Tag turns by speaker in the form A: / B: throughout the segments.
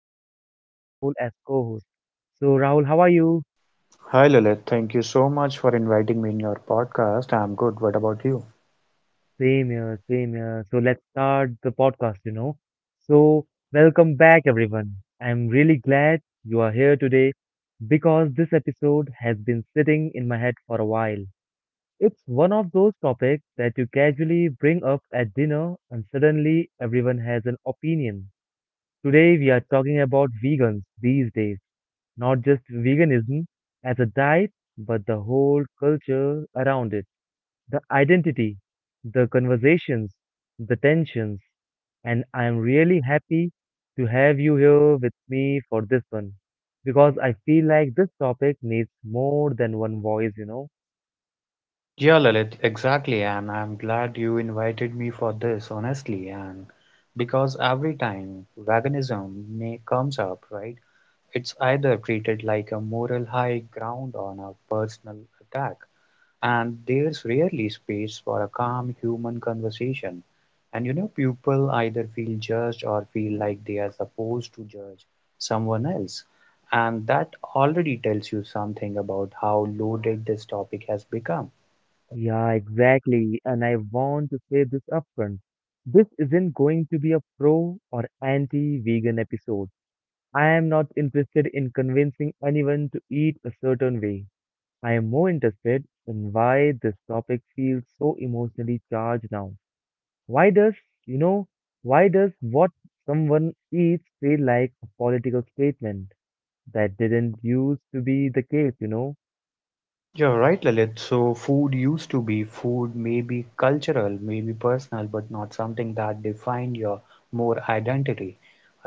A: today we have Rahul as co host. So, Rahul, how are you?
B: Hi Lalit, thank you so much for inviting me in your podcast. I'm good. What about you?
A: Same here, same here. So, let's start the podcast, So, welcome back, everyone. I'm really glad you are here today because this episode has been sitting in my head for a while. It's one of those topics that you casually bring up at dinner, and suddenly everyone has an opinion. Today, we are talking about vegans these days. Not just veganism as a diet, but the whole culture around it, the identity, the conversations, the tensions. And I'm really happy to have you here with me for this one because I feel like this topic needs more than one voice,
B: Yeah, Lalit, exactly. And I'm glad you invited me for this, honestly. And because every time veganism comes up, right, it's either treated like a moral high ground or a personal attack. And there's rarely space for a calm human conversation. And you know, people either feel judged or feel like they are supposed to judge someone else. And that already tells you something about how loaded this topic has become.
A: Yeah, exactly. And I want to say this upfront. This isn't going to be a pro or anti vegan episode. I am not interested in convincing anyone to eat a certain way. I am more interested in why this topic feels so emotionally charged now. Why does, you know, why does what someone eats feel like a political statement? That didn't used to be the case, you know?
B: You're right, Lalit. So, food used to be food, maybe cultural, maybe personal, but not something that defined your more identity.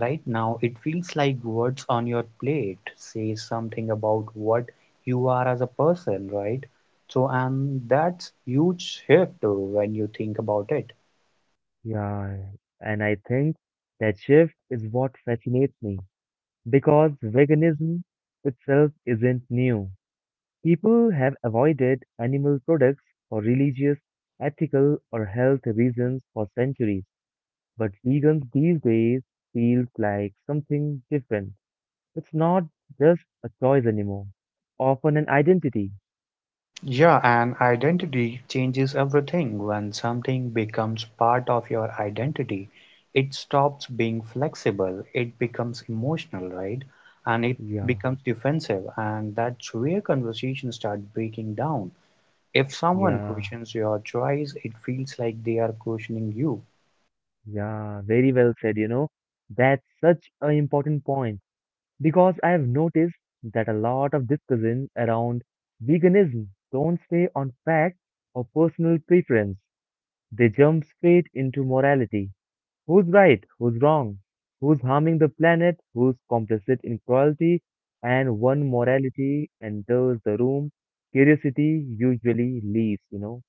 B: Right now, it feels like words on your plate say something about what you are as a person, right? So, and that's huge shift when you think about it.
A: Yeah, and I think that shift is what fascinates me because veganism itself isn't new. People have avoided animal products for religious, ethical, or health reasons for centuries. But vegans these days feels like something different. It's not just a choice anymore, often an identity.
B: Yeah, and identity changes everything. When something becomes part of your identity, it stops being flexible, it becomes emotional, right? And it
A: Yeah,
B: becomes defensive, and that's where conversations start breaking down. If someone
A: yeah,
B: questions your choice, it feels like they are questioning you.
A: yeah. very well said, That's such an important point because I have noticed that a lot of discussion around veganism don't stay on fact or personal preference. They jump straight into morality. Who's right? Who's wrong? Who's harming the planet? Who's complicit in cruelty? And one morality enters the room, curiosity usually leaves,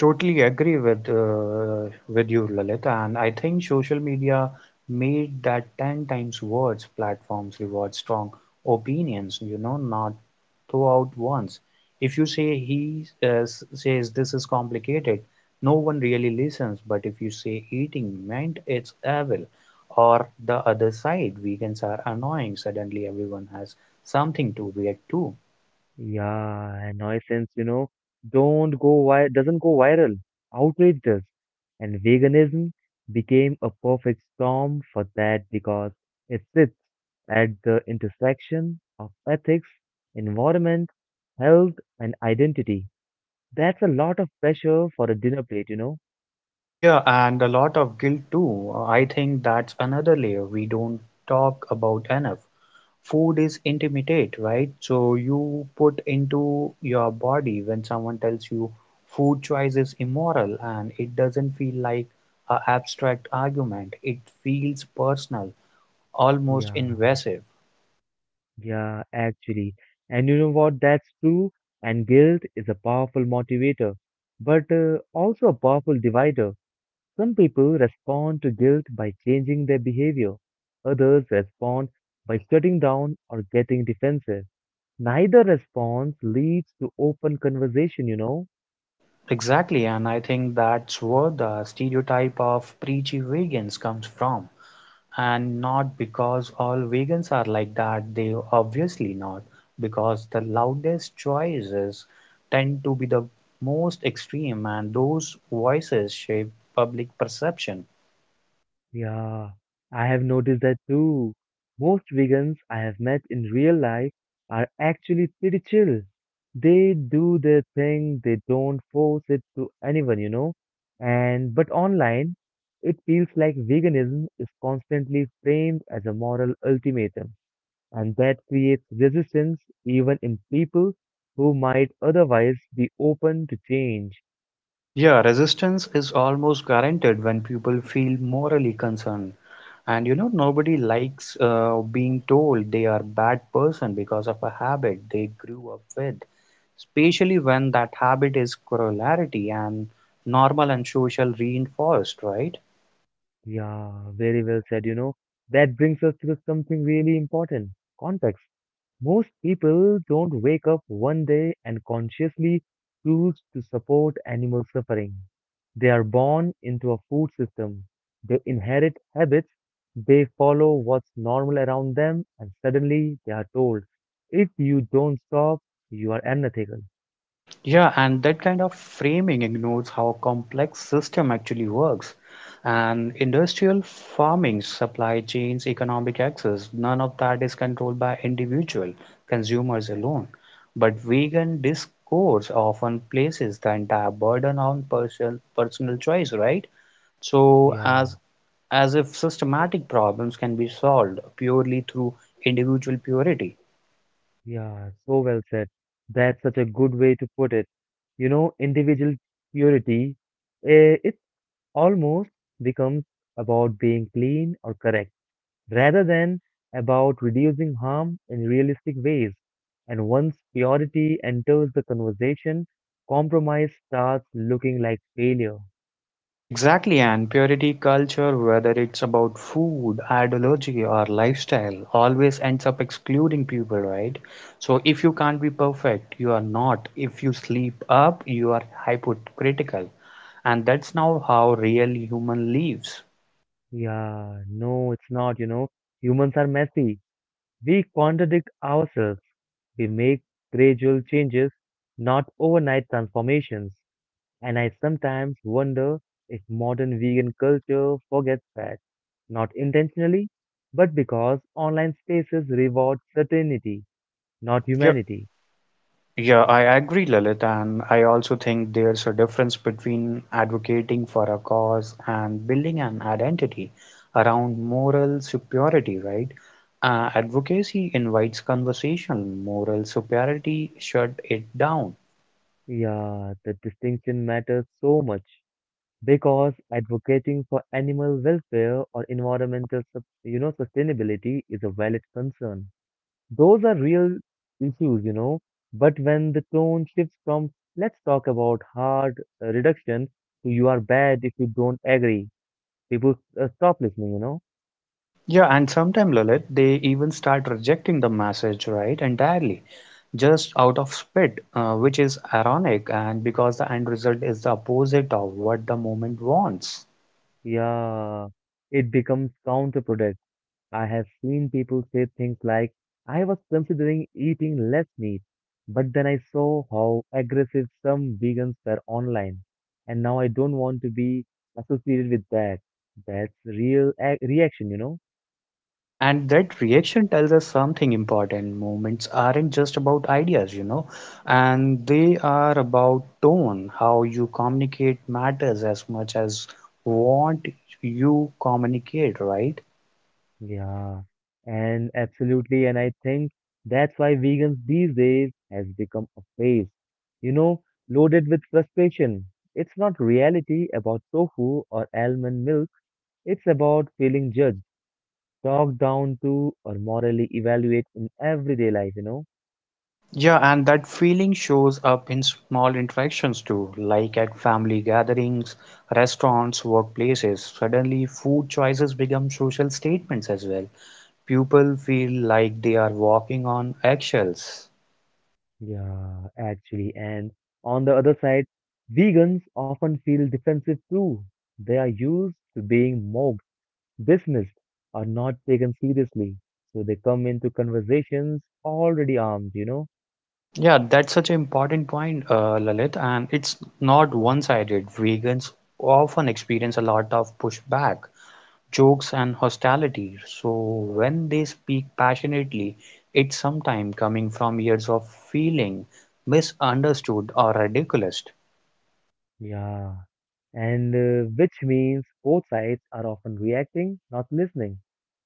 B: Totally agree with you, Lalit, and I think social media made that ten times worse. Platforms reward strong opinions, you know, not throughout once. If you say he says this is complicated, no one really listens. But if you say eating meant it's evil, or the other side, vegans are annoying, suddenly everyone has something to react to.
A: Yeah, and nuisance, you know, don't go vi doesn't go viral. Outrage does. And veganism became a perfect storm for that because it sits at the intersection of ethics, environment, health, and identity. That's a lot of pressure for a dinner plate, you know?
B: Yeah, and a lot of guilt too. I think that's another layer we don't talk about enough. Food is intimate, right? So you put into your body when someone tells you food choice is immoral and it doesn't feel like an abstract argument. It feels personal, almost
A: Yeah,
B: invasive.
A: yeah, actually. And you know what? That's true. And guilt is a powerful motivator, but also a powerful divider. Some people respond to guilt by changing their behavior. Others respond by shutting down or getting defensive. Neither response leads to open conversation, you know?
B: Exactly, and I think that's where the stereotype of preachy vegans comes from. And not because all vegans are like that, they obviously not, because the loudest choices tend to be the most extreme and those voices shape public perception.
A: Yeah, I have noticed that too. Most vegans I have met in real life are actually pretty chill. They do their thing, they don't force it to anyone, you know? And but online, it feels like veganism is constantly framed as a moral ultimatum and that creates resistance even in people who might otherwise be open to change.
B: Yeah, resistance is almost guaranteed when people feel morally concerned. And you know, nobody likes being told they are bad person because of a habit they grew up with, especially when that habit is corollary and normal and social reinforced, right?
A: Yeah, very well said, That brings us to something really important context. Most people don't wake up one day and consciously choose to support animal suffering. They are born into a food system, they inherit habits, they follow what's normal around them, and suddenly they are told if you don't stop, you are unethical.
B: Yeah, and that kind of framing ignores how complex system actually works. And industrial farming, supply chains, economic access, none of that is controlled by individual consumers alone. But vegan discourse often places the entire burden on personal choice, right? So
A: Yeah,
B: as as if systematic problems can be solved purely through individual purity.
A: yeah, so well said. That's such a good way to put it. You know, individual purity, it almost becomes about being clean or correct rather than about reducing harm in realistic ways. And once purity enters the conversation, compromise starts looking like failure.
B: Exactly, and purity culture, whether it's about food, ideology, or lifestyle, always ends up excluding people, right? So if you can't be perfect, you are not. If you sleep up, you are hypocritical. And that's now how real human lives.
A: Yeah, no, it's not, you know. Humans are messy. We contradict ourselves. We make gradual changes, not overnight transformations. And I sometimes wonder if modern vegan culture forgets that, not intentionally, but because online spaces reward certainty, not humanity.
B: Yeah, I agree, Lalit, and I also think there's a difference between advocating for a cause and building an identity around moral superiority, right? Advocacy invites conversation, moral superiority shut it down.
A: Yeah, the distinction matters so much because advocating for animal welfare or environmental, sustainability is a valid concern. Those are real issues, you know. But when the tone shifts from let's talk about hard reduction to you are bad if you don't agree, people stop listening,
B: Yeah, and sometimes, Lalit, they even start rejecting the message, right, entirely, just out of spite, which is ironic, and because the end result is the opposite of what the moment wants.
A: Yeah, it becomes counterproductive. I have seen people say things like, I was considering eating less meat, but then I saw how aggressive some vegans were online, and now I don't want to be associated with that. That's real ac reaction,
B: Yeah, and that reaction tells us something important. Movements aren't just about ideas, you know, and they are about tone. How you communicate matters as much as what you communicate, right?
A: Yeah, and absolutely, and I think that's why vegans these days has become a phrase, you know, loaded with frustration. It's not reality about tofu or almond milk. It's about feeling judged, talked down to, or morally evaluated in everyday life,
B: Yeah, and that feeling shows up in small interactions too, like at family gatherings, restaurants, workplaces. Suddenly, food choices become social statements as well. People feel like they are walking on eggshells.
A: Yeah, actually, and on the other side, vegans often feel defensive too. They are used to being mocked, dismissed, are not taken seriously. So they come into conversations already armed, you know?
B: Yeah, that's such an important point, Lalit, and it's not one-sided. Vegans often experience a lot of pushback, jokes, and hostility. So when they speak passionately, it's sometimes coming from years of feeling misunderstood or ridiculous.
A: Yeah. And Which means both sides are often reacting, not listening.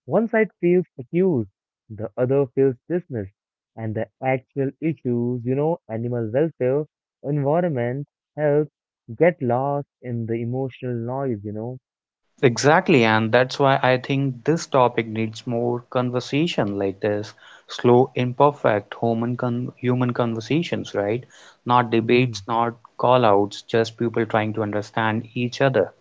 A: One side feels accused, the other feels dismissed, and the actual issues, you know, animal welfare, environment, health, get lost in the emotional noise,
B: Exactly, and that's why I think this topic needs more conversation like this slow, imperfect human conversations, right? Not
A: Hmm,
B: debates, not call outs, just people trying to understand each other.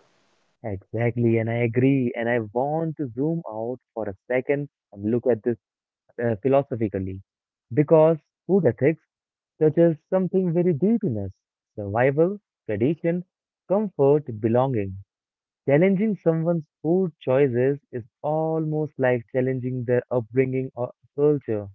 A: exactly, and I agree. And I want to zoom out for a second and look at this philosophically because food ethics touches something very deep in us: survival, tradition, comfort, belonging. Challenging someone's food choices is almost like challenging their upbringing or culture.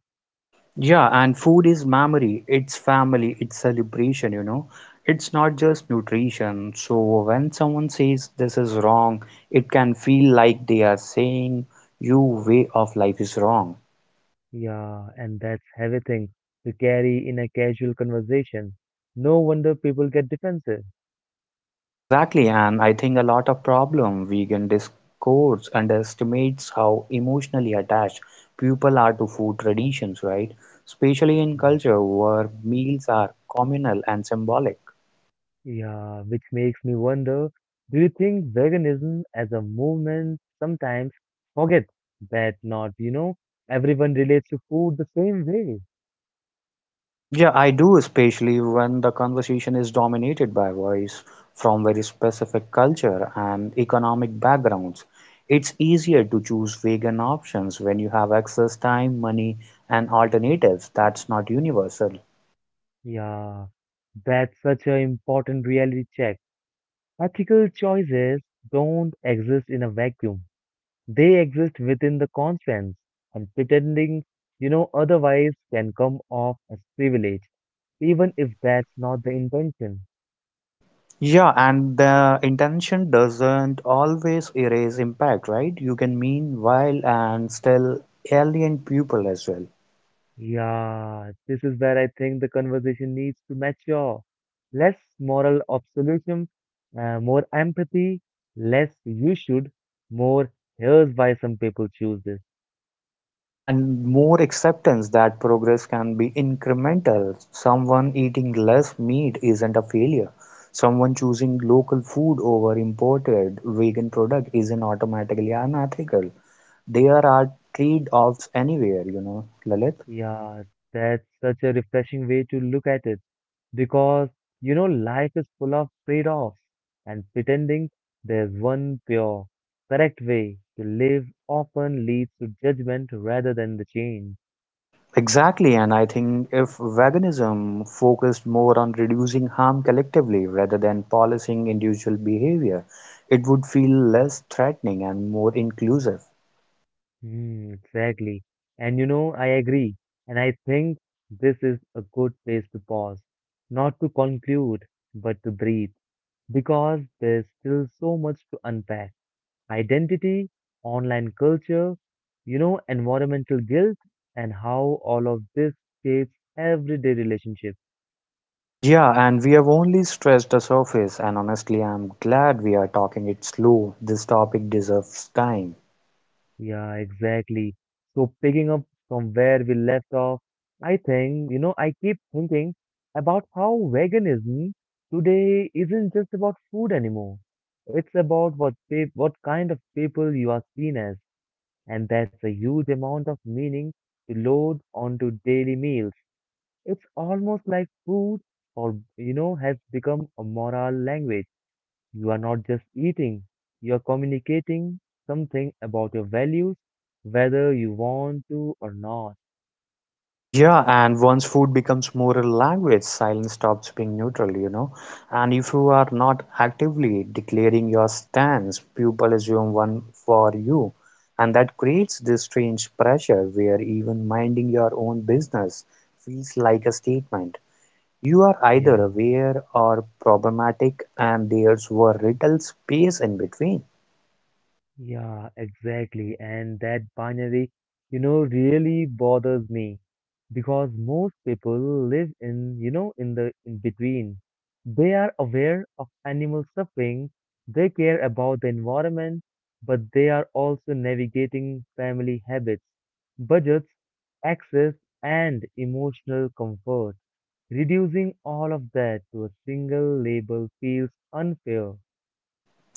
B: Yeah, and food is memory, it's family, it's celebration, you know. It's not just nutrition. So when someone says this is wrong, it can feel like they are saying your way of life is wrong.
A: Yeah, and that's heavy thing to carry in a casual conversation. No wonder people get defensive.
B: Exactly, and I think a lot of problem vegan discourse underestimates how emotionally attached people are to food traditions, right? Especially in
A: Yeah.
B: culture where meals are communal and symbolic.
A: Yeah, which makes me wonder, do you think veganism as a movement sometimes forgets that not, you know, everyone relates to food the same way?
B: Yeah, I do, especially when the conversation is dominated by voice from very specific culture and economic backgrounds. It's easier to choose vegan options when you have excess time, money, and alternatives that's not universal.
A: Yeah, that's such an important reality check. Ethical choices don't exist in a vacuum. They exist within the conscience, and pretending, you know, otherwise can come off as privilege, even if that's not the intention.
B: Yeah, and the intention doesn't always erase impact, right? You can mean while and still alien people as well.
A: Yeah, this is where I think the conversation needs to mature. Less moral absolutism, more empathy, less you should, more here's why some people choose this.
B: Yeah, and more acceptance that progress can be incremental. Someone eating less meat isn't a failure. Someone choosing local food over imported vegan product isn't automatically unethical. There are trade-offs anywhere, you know, Lalit.
A: Yeah, that's such a refreshing way to look at it because, you know, life is full of trade-offs and pretending there's one pure, correct way to live often leads to judgment rather than the change.
B: Exactly, and I think if veganism focused more on reducing harm collectively rather than policing individual behavior, it would feel less threatening and more inclusive.
A: Hmm, exactly. And you know, I agree. And I think this is a good place to pause, not to conclude, but to breathe, because there's still so much to unpack. Identity, online culture, you know, environmental guilt, and how all of this shapes everyday relationships.
B: Yeah, and we have only scratched the surface, and honestly, I'm glad we are talking it slow. This topic deserves time.
A: Yeah, exactly. So picking up from where we left off, I think, you know, I keep thinking about how veganism today isn't just about food anymore. It's about what kind of people you are seen as, and that's a huge amount of meaning to load onto daily meals. It's almost like food or, you know, has become a moral language. You are not just eating, you are communicating something about your values, whether you want to or not.
B: Yeah, and once food becomes more a language, silence stops being neutral, you know. And if you are not actively declaring your stance, people assume one for you. And that creates this strange pressure where even minding your own business feels like a statement. You are either
A: Yeah.
B: aware or problematic, and there's very little space in between.
A: Yeah, exactly. And that binary, you know, really bothers me because most people live in, you know, in the in between. They are aware of animal suffering, they care about the environment, but they are also navigating family habits, budgets, access, and emotional comfort. Reducing all of that to a single label feels unfair.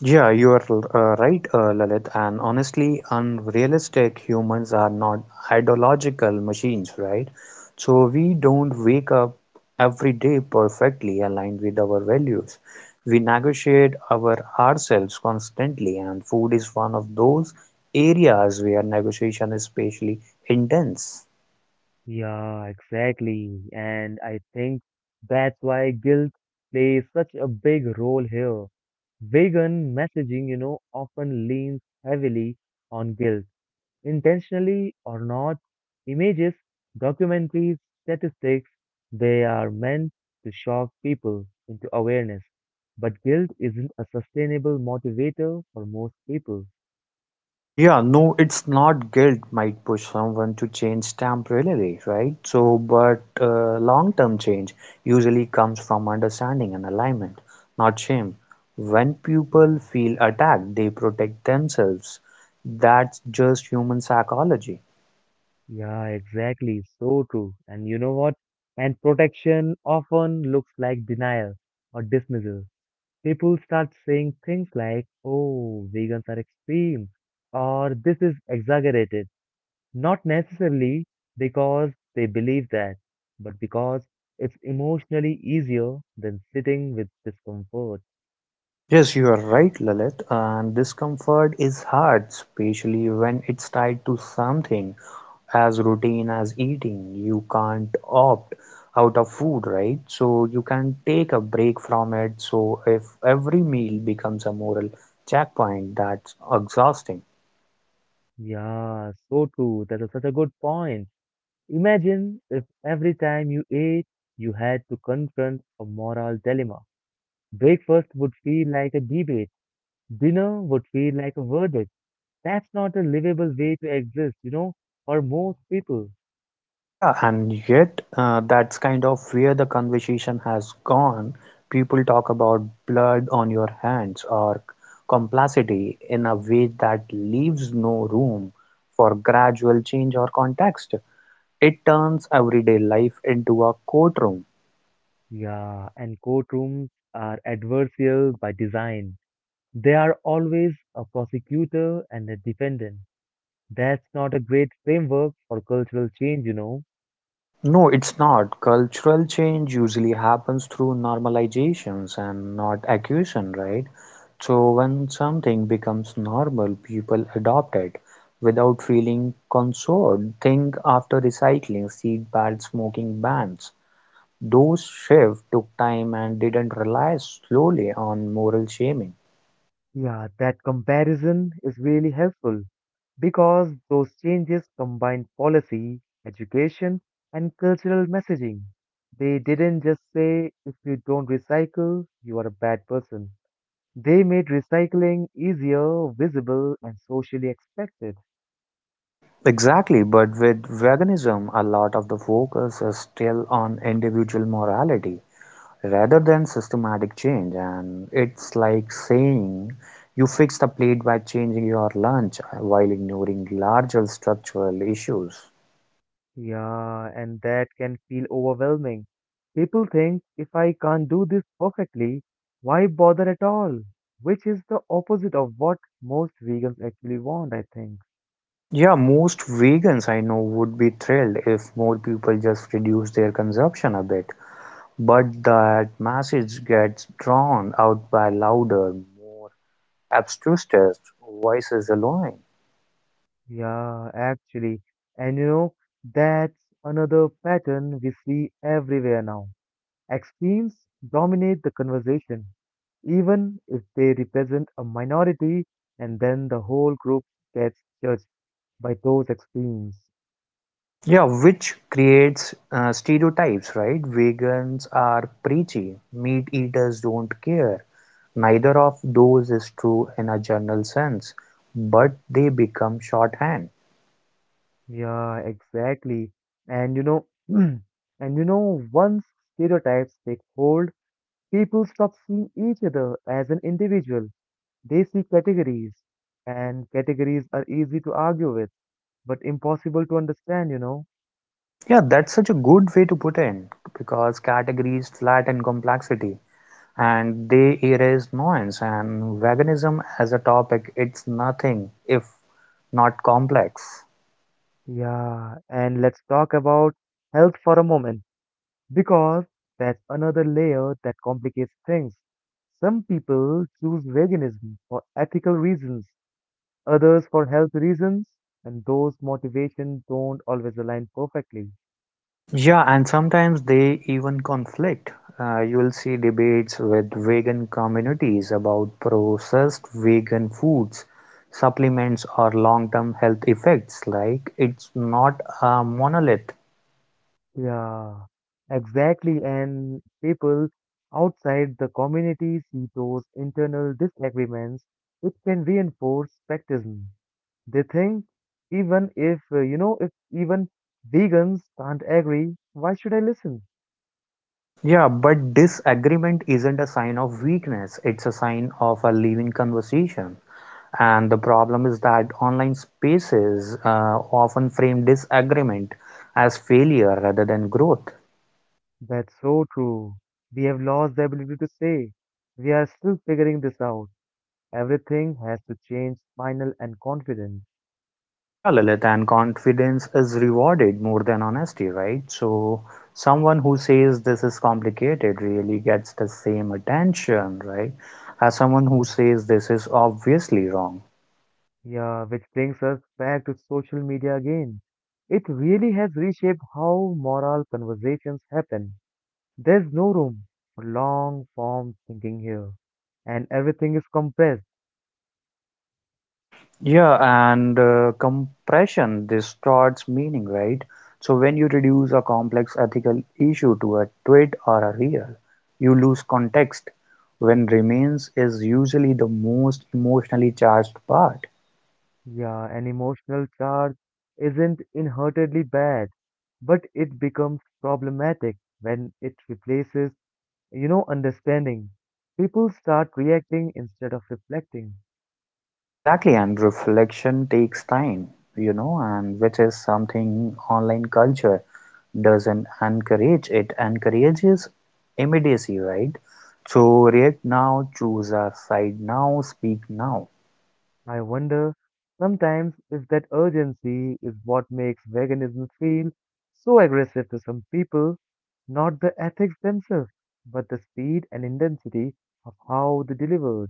B: Yeah, you are right, Lalit. And honestly, unrealistic humans are not ideological machines, right? So we don't wake up every day perfectly aligned with our values. We negotiate ourselves constantly, and food is one of those areas where negotiation is especially intense.
A: Yeah, exactly. And I think that's why guilt plays such a big role here. Vegan messaging, you know, often leans heavily on guilt, intentionally or not. Images, documentaries, statistics, they are meant to shock people into awareness. But guilt isn't a sustainable motivator for most people.
B: Yeah, no, it's not guilt might push someone to change temporarily, right? But long-term change usually comes from understanding and alignment, not shame. When people
A: Yeah.
B: feel attacked, they protect themselves. That's just human psychology.
A: Yeah, exactly. So true. And you know what? And protection often looks like denial or dismissal. People start saying things like, oh, vegans are extreme, or this is exaggerated. Not necessarily because they believe that, but because it's emotionally easier than sitting with discomfort.
B: Yes, you are right, Lalit, and discomfort is hard, especially when it's tied to something as routine as eating. You can't opt out of food, right? So you can take a break from it. So if every meal becomes a moral checkpoint, that's exhausting.
A: Yeah, so true. That is such a good point. Imagine if every time you ate, you had to confront a moral dilemma. Breakfast would feel like a debate, dinner would feel like a verdict. That's not a livable way to exist, you know, for most people.
B: Yeah, and yet that's kind of where the conversation has gone. People talk about blood on your hands or complexity in a way that leaves no room for gradual change or context. It turns everyday life into a courtroom.
A: Yeah, and courtrooms are adversarial by design. They are always a prosecutor and a defendant. That's not a great framework for cultural change,
B: No, it's not. Cultural change usually happens through normalizations and not accusation, right? So when something becomes normal, people adopt it without feeling concerned. Think after recycling, seed bad smoking bans. Those shifts took time and didn't rely slowly on moral shaming.
A: Yeah, that comparison is really helpful because those changes combined policy, education, and cultural messaging. They didn't just say, if you don't recycle, you are a bad person. They made recycling easier, visible, and socially expected.
B: Exactly, but with veganism, a lot of the focus is still on individual morality, rather than systematic change, and it's like saying you fix the plate by changing your lunch while ignoring larger structural issues.
A: Yeah, and that can feel overwhelming. People think, if I can't do this perfectly, why bother at all? Which is the opposite of what most vegans actually want, I think.
B: Yeah, most vegans I know would be thrilled if more people just reduce their consumption a bit, but that message gets drawn out by louder, more obtuse voices alone.
A: Yeah, actually. And you know, that's another pattern we see everywhere now. Extremes dominate the conversation, even if they represent a minority, and then the whole group gets judged by those extremes.
B: Yeah, which creates stereotypes, right? Vegans are preachy, meat eaters don't care. Neither of those is true in a general sense, but they become shorthand.
A: Yeah, exactly. And you know, once stereotypes take hold, people stop seeing each other as an individual. They see categories, and categories are easy to argue with but impossible to understand,
B: Yeah, that's such a good way to put in because categories flatten complexity and they erase nuance. And veganism as a topic, it's nothing if not complex.
A: Yeah, and let's talk about health for a moment because that's another layer that complicates things. Some people choose veganism for ethical reasons, others for health reasons, and those motivations don't always align perfectly.
B: Yeah, and sometimes they even conflict. You'll see debates with vegan communities about processed vegan foods, supplements, or long term health effects. Like, it's not a monolith.
A: Yeah, exactly. And people outside the community see those internal disagreements, which can reinforce practice. They think even if, if even vegans can't agree, why should I listen?
B: Yeah, but disagreement isn't a sign of weakness, it's a sign of a living conversation. And the problem is that online spaces often frame disagreement as failure rather than growth.
A: That's so true. We have lost the ability to say. We are still figuring this out. Everything has to change, final and confident.
B: Yeah, Lilith, and confidence is rewarded more than honesty, right? So, someone who says this is complicated really gets the same attention, right? As someone who
A: Yeah.
B: says this is obviously wrong.
A: Yeah, which brings us back to social media again. It really has reshaped how moral conversations happen. There's no room for long form thinking here, and everything is compressed.
B: Yeah, and Compression distorts meaning, right? So, when you reduce a complex ethical issue to a tweet or a reel, you lose context when remains is usually the most emotionally charged part.
A: Yeah, an emotional charge isn't inherently bad, but it becomes problematic when it replaces, understanding. People start reacting instead of reflecting.
B: Exactly, and reflection takes time, you know, and which is something online culture doesn't encourage. It encourages immediacy, right? So react now, choose a side now, speak now.
A: I wonder sometimes if that urgency is what makes veganism feel so aggressive to some people, not the ethics themselves, but the speed and intensity of how they deliver.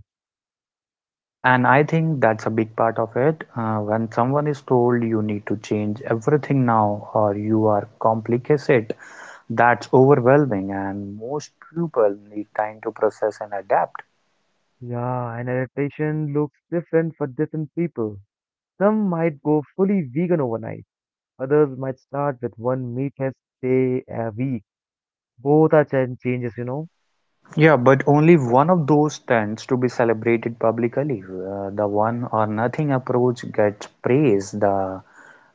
B: Yeah, and I think that's a big part of it. When someone is told you need to change everything now or you are complicated, that's overwhelming, and most people need time to process and adapt.
A: Yeah, and adaptation looks different for different people. Some might go fully vegan overnight. Others might start with one meatless day a week. Both are changes, you know.
B: Yeah, but only one of those tends to be celebrated publicly. The one or nothing approach gets praise. The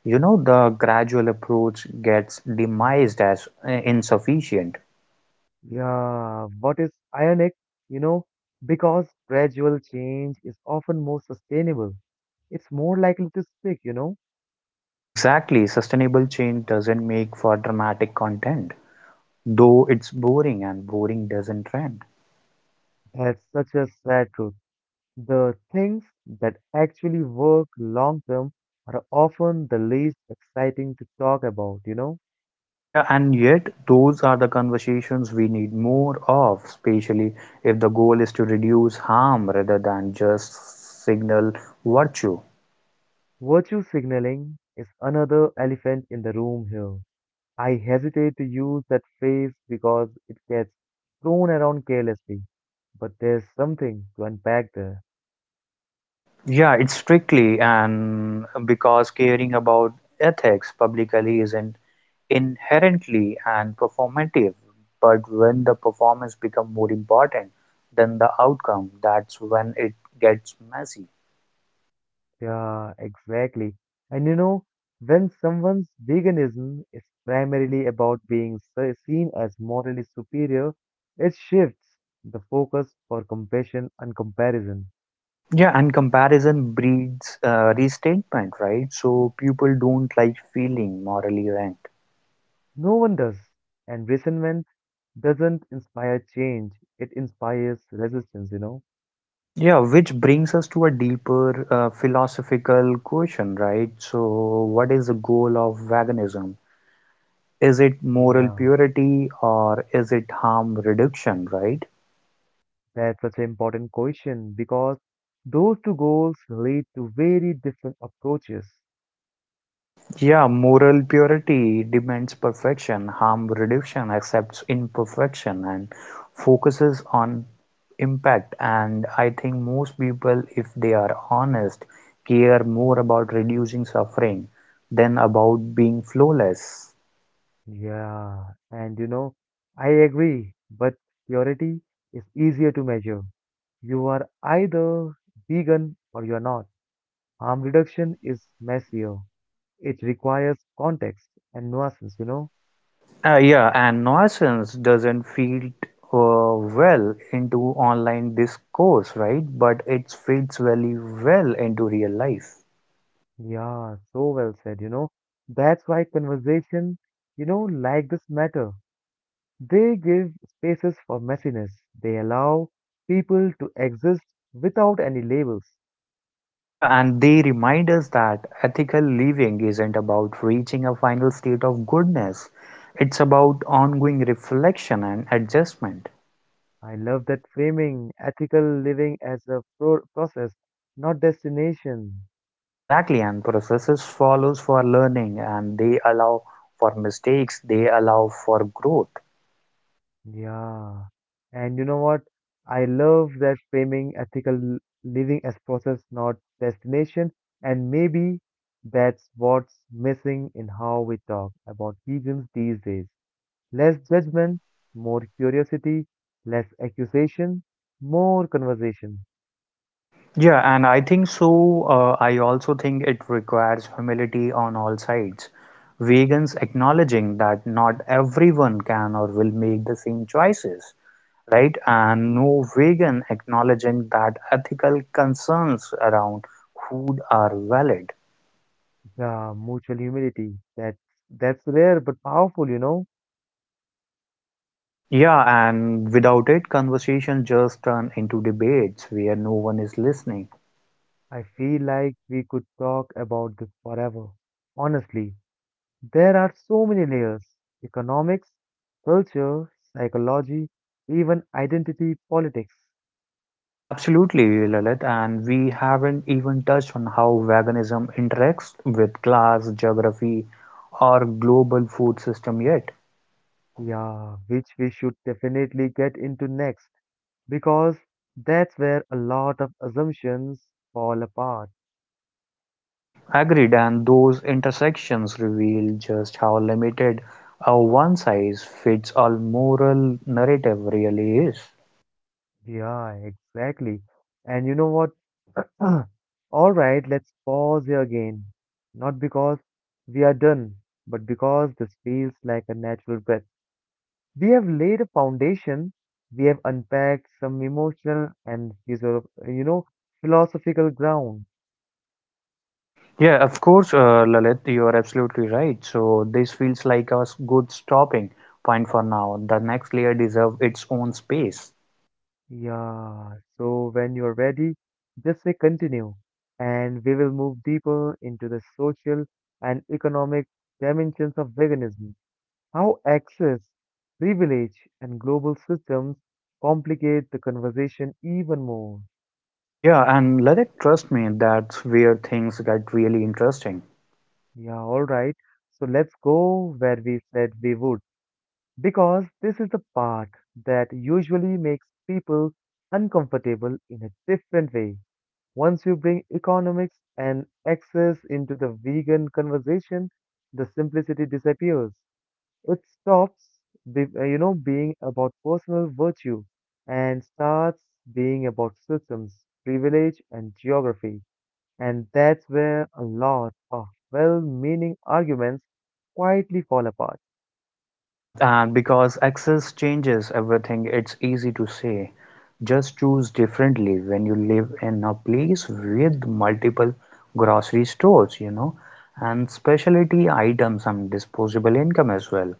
B: you know the gradual approach gets demised as insufficient.
A: Yeah, what is ironic, you know, because gradual change is often more sustainable. It's more likely to stick, you know.
B: Exactly, sustainable change doesn't make for dramatic content, though it's boring and boring doesn't trend.
A: That's such a sad truth. The things that actually work long term are often the least exciting to talk about, you know.
B: Yeah, and yet those are the conversations we need more of, especially if the goal is to reduce harm rather than just signal virtue.
A: Virtue signaling is another elephant in the room here. I hesitate to use that phrase because it gets thrown around carelessly, but there's something to unpack there.
B: Yeah, it's strictly and because caring about ethics publicly isn't inherently and performative, but when the performance becomes more important than the outcome, that's when it gets messy.
A: Yeah, exactly. And you know, when someone's veganism is primarily about being seen as morally superior, it shifts the focus for compassion and comparison.
B: Yeah, and comparison breeds restatement, right? So people don't like feeling morally ranked.
A: No one does. And resentment doesn't inspire change, it inspires resistance, you know?
B: Yeah, which brings us to a deeper philosophical question, right? So, what is the goal of veganism? Is it moral
A: Yeah.
B: purity or is it harm reduction, right?
A: That's such an important question because those two goals lead to very different approaches.
B: Yeah, moral purity demands perfection, harm reduction accepts imperfection and focuses on impact. And I think most people, if they are honest, care more about reducing suffering than about being flawless.
A: Yeah, and you know, I agree, but purity is easier to measure. You are either vegan or you're not. Harm reduction is messier. It requires context and nuances, you know?
B: Yeah, and nuisance doesn't feed well into online discourse, right? But it fits very well into real life.
A: Yeah, so well said, you know? That's why conversation, you know, like this matter. They give spaces for messiness. They allow people to exist without any labels.
B: Yeah, and they remind us that ethical living isn't about reaching a final state of goodness. It's about ongoing reflection and adjustment.
A: I love that framing ethical living as a process, not destination.
B: Exactly, and processes follows for learning and they allow for mistakes, they allow for growth.
A: Yeah. And you know what? I love that framing ethical living as process, not destination. And maybe that's what's missing in how we talk about vegans these days. Less judgment, more curiosity, less accusation, more conversation.
B: Yeah, and I think so. I also think it requires humility on all sides. Vegans acknowledging that not everyone can or will make the same choices, right? And no vegan acknowledging that ethical concerns around food are valid.
A: Yeah, mutual humility. That's rare but powerful, you know.
B: Yeah, and without it, conversation just turn into debates where no one is listening.
A: I feel like we could talk about this forever. Honestly, there are so many layers. Economics, culture, psychology, even identity politics.
B: Absolutely, Lalit, and we haven't even touched on how veganism interacts with class, geography, or global food system yet.
A: Yeah, which we should definitely get into next because that's where a lot of assumptions fall apart.
B: Agreed, and those intersections reveal just how limited a one size fits all moral narrative really is.
A: Yeah, exactly. And you know what? All right, let's pause here again. Not because we are done, but because this feels like a natural breath. We have laid a foundation, we have unpacked some emotional and philosophical ground.
B: Yeah, of course, Lalit, you are absolutely right. So this feels like a good stopping point for now. The next layer deserves its own space.
A: Yeah, so when you're ready, just say continue, and we will move deeper into the social and economic dimensions of veganism. How access, privilege, and global systems complicate the conversation even more.
B: Yeah, and let it trust me, that's where things get really interesting.
A: Yeah, alright. So let's go where we said we would. Because this is the part that usually makes people uncomfortable in a different way. Once you bring economics and access into the vegan conversation, the simplicity disappears. It stops, being about personal virtue and starts being about systems, privilege, and geography. And that's where a lot of well-meaning arguments quietly fall apart.
B: Yeah, and because access changes everything, it's easy to say. Just choose differently when you live in a place with multiple grocery stores, you know, and specialty items and disposable income as well.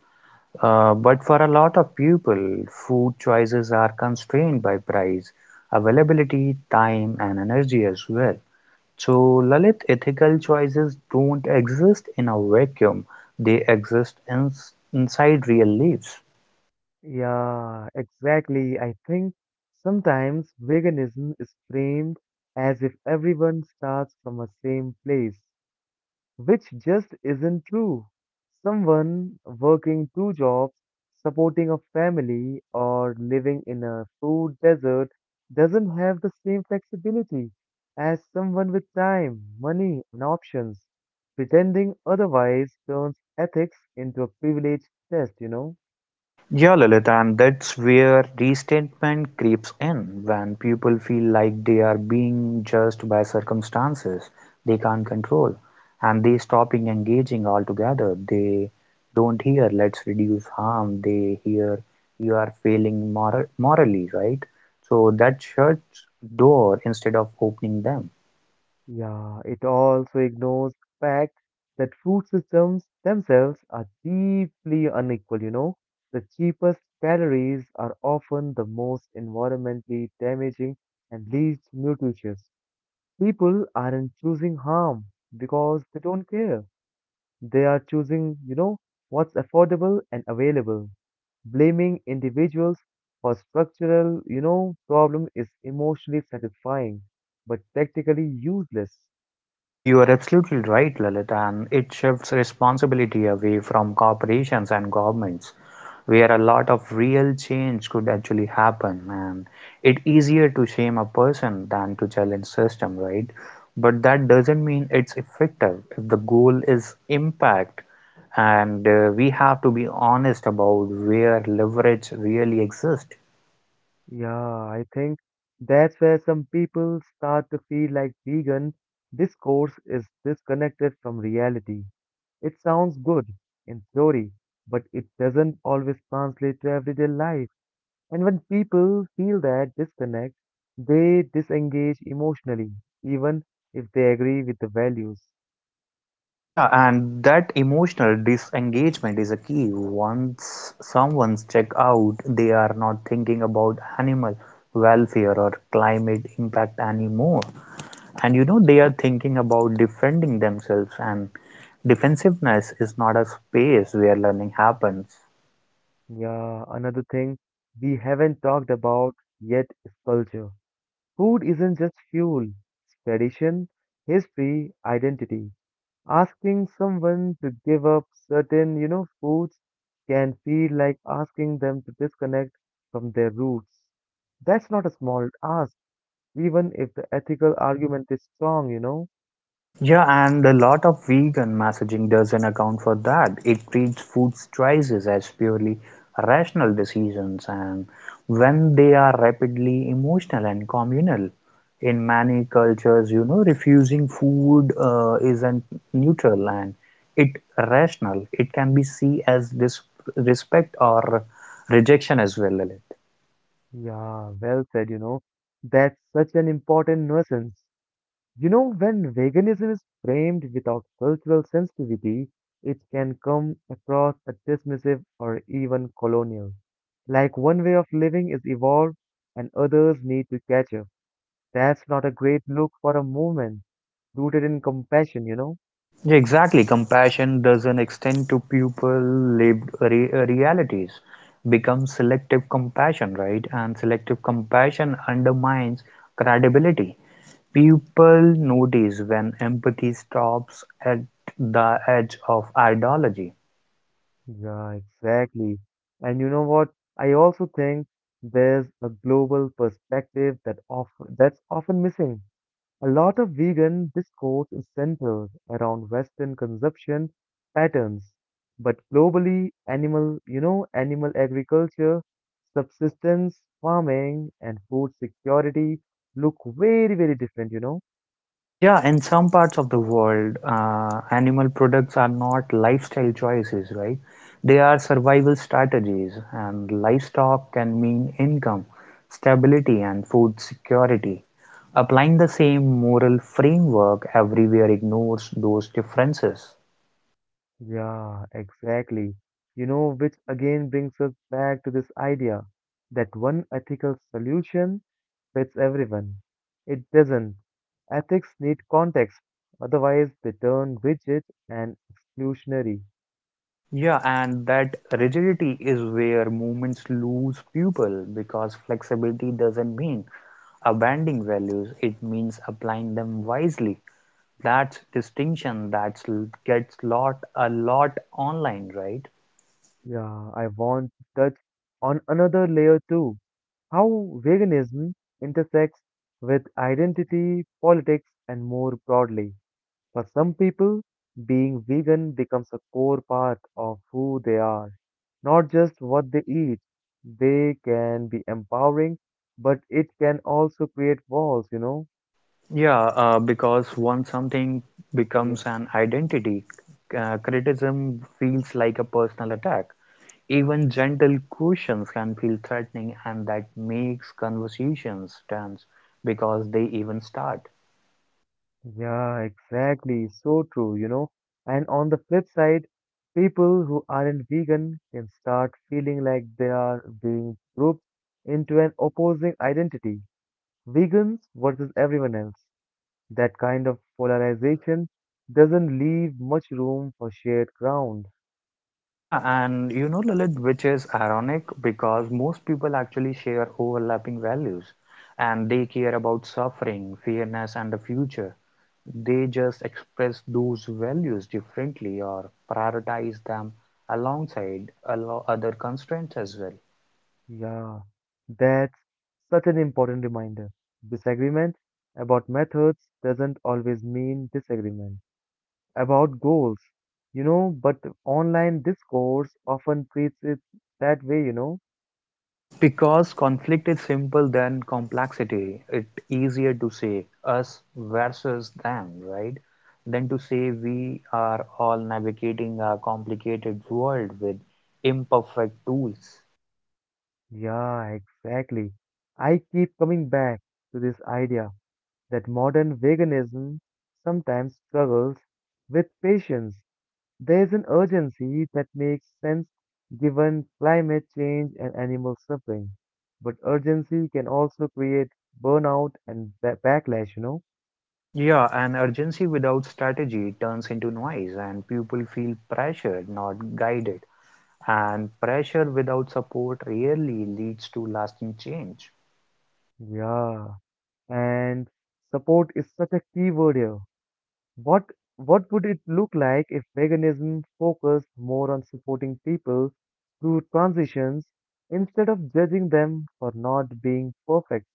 B: But for a lot of people, food choices are constrained by price, availability, time, and energy as well. So Lalit, ethical choices don't exist in a vacuum. They exist inside real lives.
A: Yeah, exactly. I think sometimes veganism is framed as if everyone starts from the same place, which just isn't true. Someone working two jobs, supporting a family, or living in a food desert doesn't have the same flexibility as someone with time, money, and options. Pretending otherwise turns ethics into a privilege test, you know?
B: Yeah, Lalit, and that's where resentment creeps in when people feel like they are being judged by circumstances they can't control and they stopping engaging altogether. They don't hear let's reduce harm, they hear you are failing morally, right? So that shuts door instead of opening them.
A: Yeah, it also ignores the fact that food systems themselves are deeply unequal, you know. The cheapest calories are often the most environmentally damaging and least nutritious. People aren't choosing harm because they don't care. They are choosing, you know, what's affordable and available. Blaming individuals for structural, you know, problem is emotionally satisfying, but practically useless.
B: Yeah, you are absolutely right, Lalit, and it shifts responsibility away from corporations and governments, where a lot of real change could actually happen, and it's easier to shame a person than to challenge system, right? But that doesn't mean it's effective if the goal is impact, and we have to be honest about where leverage really exists.
A: Yeah, I think that's where some people start to feel like vegan discourse is disconnected from reality. It sounds good in theory, but it doesn't always translate to everyday life. And when people feel that disconnect, they disengage emotionally, even if they agree with the values.
B: Yeah, and that emotional disengagement is a key. Once someone's checked out, they are not thinking about animal welfare or climate impact anymore. And you know, they are thinking about defending themselves, and defensiveness is not a space where learning happens.
A: Yeah, another thing we haven't talked about yet is culture. Food isn't just fuel, it's tradition, history, identity. Asking someone to give up certain, you know, foods can feel like asking them to disconnect from their roots. That's not a small ask, even if the ethical argument is strong, you know.
B: Yeah, and a lot of vegan messaging doesn't account for that. It treats food choices as purely rational decisions, and when they are rapidly emotional and communal, in many cultures, you know, refusing food isn't neutral and it rational. It can be seen as disrespect or rejection as well.
A: Yeah, well said, you know. That's such an important nuisance. You know, when veganism is framed without cultural sensitivity, it can come across as dismissive or even colonial. Like one way of living is evolved and others need to catch up. That's not a great look for a movement rooted in compassion, you know?
B: Yeah, exactly. Compassion doesn't extend to people lived realities. Becomes selective compassion, right? And selective compassion undermines credibility. People notice when empathy stops at the edge of ideology.
A: Yeah, exactly. And you know what? I also think there's a global perspective that's often missing. A lot of vegan discourse is centered around Western consumption patterns, but globally, animal agriculture, subsistence farming, and food security look very, very different, you know?
B: Yeah, in some parts of the world, animal products are not lifestyle choices, right? They are survival strategies, and livestock can mean income, stability, and food security. Applying the same moral framework everywhere ignores those differences.
A: Yeah, exactly. You know, which again brings us back to this idea that one ethical solution fits everyone. It doesn't. Ethics need context, otherwise, they turn rigid and exclusionary.
B: Yeah, and that rigidity is where movements lose people because flexibility doesn't mean abandoning values, it means applying them wisely. That's distinction that gets lot a lot online, right?
A: Yeah, I want to touch on another layer too, how veganism intersects with identity, politics, and more broadly. For some people, being vegan becomes a core part of who they are, not just what they eat. They can be empowering, but it can also create walls, you know.
B: Yeah, because once something
A: Yeah.
B: becomes an identity, criticism feels like a personal attack. Even gentle questions can feel threatening, and that makes conversations tense because they even start.
A: Yeah, exactly. So true, you know. And on the flip side, people who aren't vegan can start feeling like they are being grouped into an opposing identity. Vegans versus everyone else. That kind of polarization doesn't leave much room for shared ground.
B: Yeah, and you know, Lilith, which is ironic because most people actually share overlapping values and they care about suffering, fairness, and the future. They just express those values differently or prioritize them alongside other constraints as well.
A: Yeah, that's such an important reminder. Disagreement about methods doesn't always mean disagreement about goals, you know, but online this course often treats it that way, you know.
B: Because conflict is simple than complexity, it's easier to say us versus them, right? Than to say we are all navigating a complicated world with imperfect tools.
A: Yeah, exactly. I keep coming back to this idea that modern veganism sometimes struggles with patience. There is an urgency that makes sense given climate change and animal suffering. But urgency can also create burnout and backlash, you know?
B: Yeah, and urgency without strategy turns into noise, and people feel pressured, not guided. And pressure without support rarely leads to lasting change.
A: Yeah. And support is such a key word here. What what would it look like if veganism focused more on supporting people through transitions instead of judging them for not being perfect?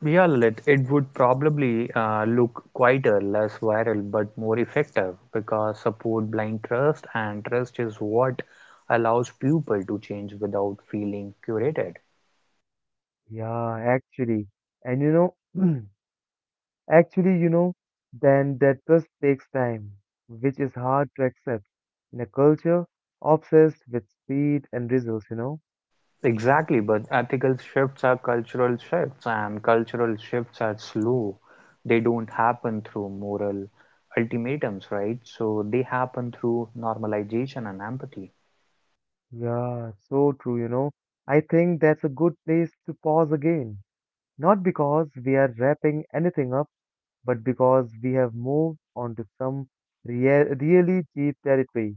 B: Yeah, Lilith, it would probably look quieter, less viral, but more effective because support blind trust, and trust is what allows people to change without feeling curated.
A: Yeah, actually. And you know, actually, you know, then that just takes time, which is hard to accept in a culture obsessed with speed and results, you know?
B: Exactly, but ethical shifts are cultural shifts, and cultural shifts are slow. They don't happen through moral ultimatums, right? So they happen through normalization and empathy.
A: Yeah, so true, you know. I think that's a good place to pause again. Not because we are wrapping anything up, but because we have moved on to some really cheap territory.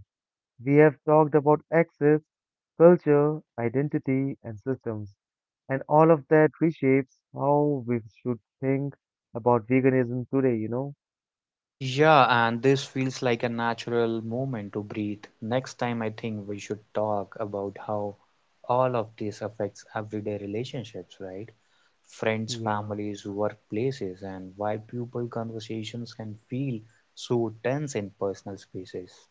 A: We have talked about access, culture, identity, and systems, and all of that reshapes how we should think about veganism today, you know?
B: Yeah, and this feels like a natural moment to breathe. Next time, I think we should talk about how all of this affects everyday relationships, right? Friends,
A: Yeah.
B: families, workplaces, and why people conversations can feel so tense in personal spaces.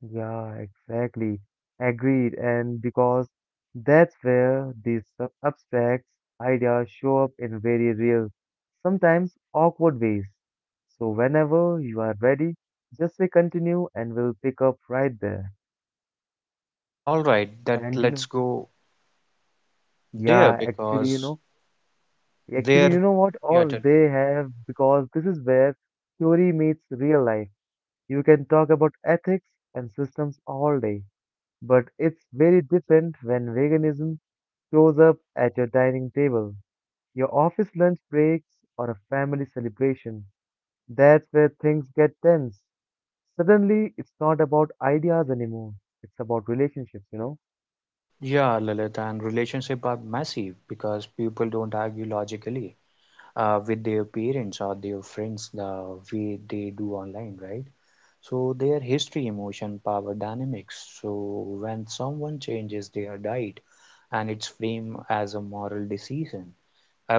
A: Yeah, exactly. Agreed. And because that's where these abstract ideas show up in very real, sometimes awkward ways. So whenever you are ready, just say continue and we'll pick up right there.
B: All right, that
A: And you know,
B: let's go there
A: yeah,
B: because
A: actually, you
B: there,
A: know what?
B: yeah,
A: Or
B: tell me.
A: they have, because this is where theory meets real life. You can talk about ethics and systems all day, but it's very different when veganism shows up at your dining table, your office lunch breaks, or a family celebration. That's where things get tense. Suddenly, it's not about ideas anymore, it's about relationships, you know?
B: Yeah, Lilith, and relationship are messy because people don't argue logically. With their parents or their friends the way they do online, right? So their history, emotion, power dynamics. So when someone changes their diet and it's framed as a moral decision,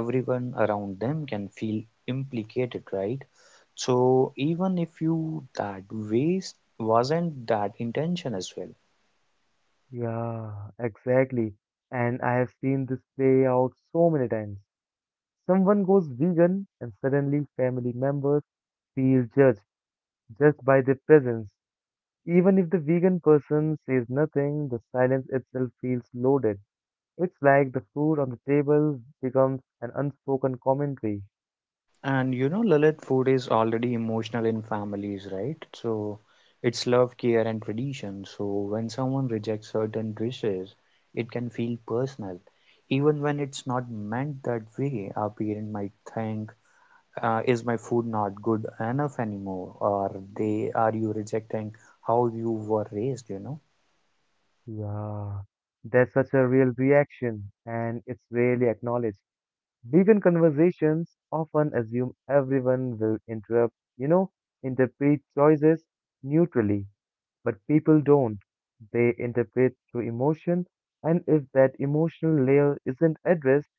B: everyone around them can feel implicated, right? So even if you that waste wasn't that intention as well,
A: Yeah, exactly. And I have seen this play out so many times. Someone goes vegan, and suddenly family members feel judged just by their presence. Even if the vegan person says nothing, the silence itself feels loaded. It's like the food on the table becomes an unspoken commentary.
B: and you know, Lalit, food is already emotional in families, right? So it's love, care, and tradition. So when someone rejects certain dishes, it can feel personal. Even when it's not meant that way, our parent might think, is my food not good enough anymore? Or they are you rejecting how you were raised, you know?
A: Yeah, there's such a real reaction, and it's rarely acknowledged. Vegan conversations often assume everyone will interpret choices neutrally, but people don't. They interpret through emotion, and if that emotional layer isn't addressed,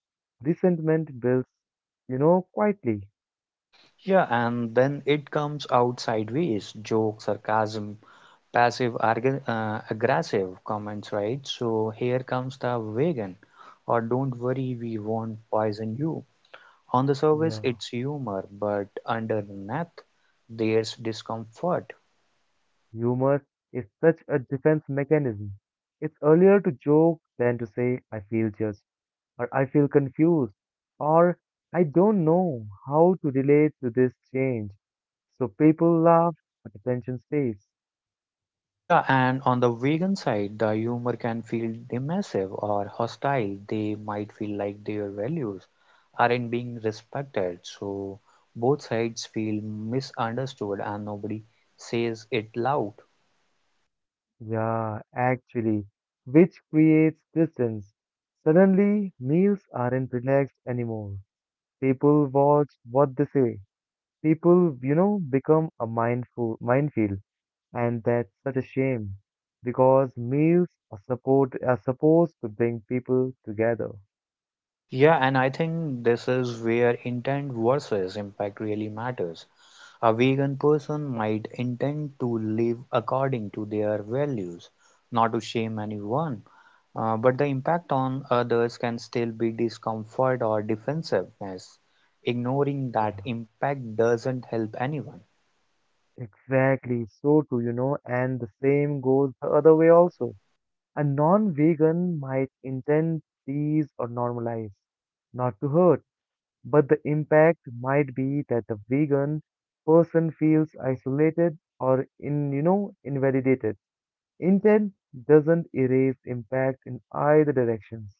A: resentment builds, you know, quietly.
B: Yeah, and then it comes out sideways, joke, sarcasm, passive aggressive comments, right? So here comes the vegan, or don't worry, we won't poison you. On the surface,
A: Yeah.
B: it's humor, but underneath, there's discomfort.
A: Humor is such a defense mechanism. It's earlier to joke than to say, I feel judged, or I feel confused, or I don't know how to relate to this change. So people laugh, but attention stays.
B: Yeah, and on the vegan side, the humor can feel dismissive or hostile. They might feel like their values aren't being respected. So both sides feel misunderstood and nobody says it loud.
A: Yeah, actually, which creates distance. Suddenly, meals aren't relaxed anymore. People watch what they say. People, you know, become a mindful minefield. And that's such a shame because meals are support are supposed to bring people together.
B: Yeah, and I think this is where intent versus impact really matters. A vegan person might intend to live according to their values, not to shame anyone, but the impact on others can still be discomfort or defensiveness. Ignoring
A: Yeah,
B: that impact doesn't help anyone.
A: exactly. So too, you know, and the same goes the other way also. A non-vegan might intend these or normalize, not to hurt, but the impact might be that the vegan person feels isolated or invalidated. Intent doesn't erase impact in either directions.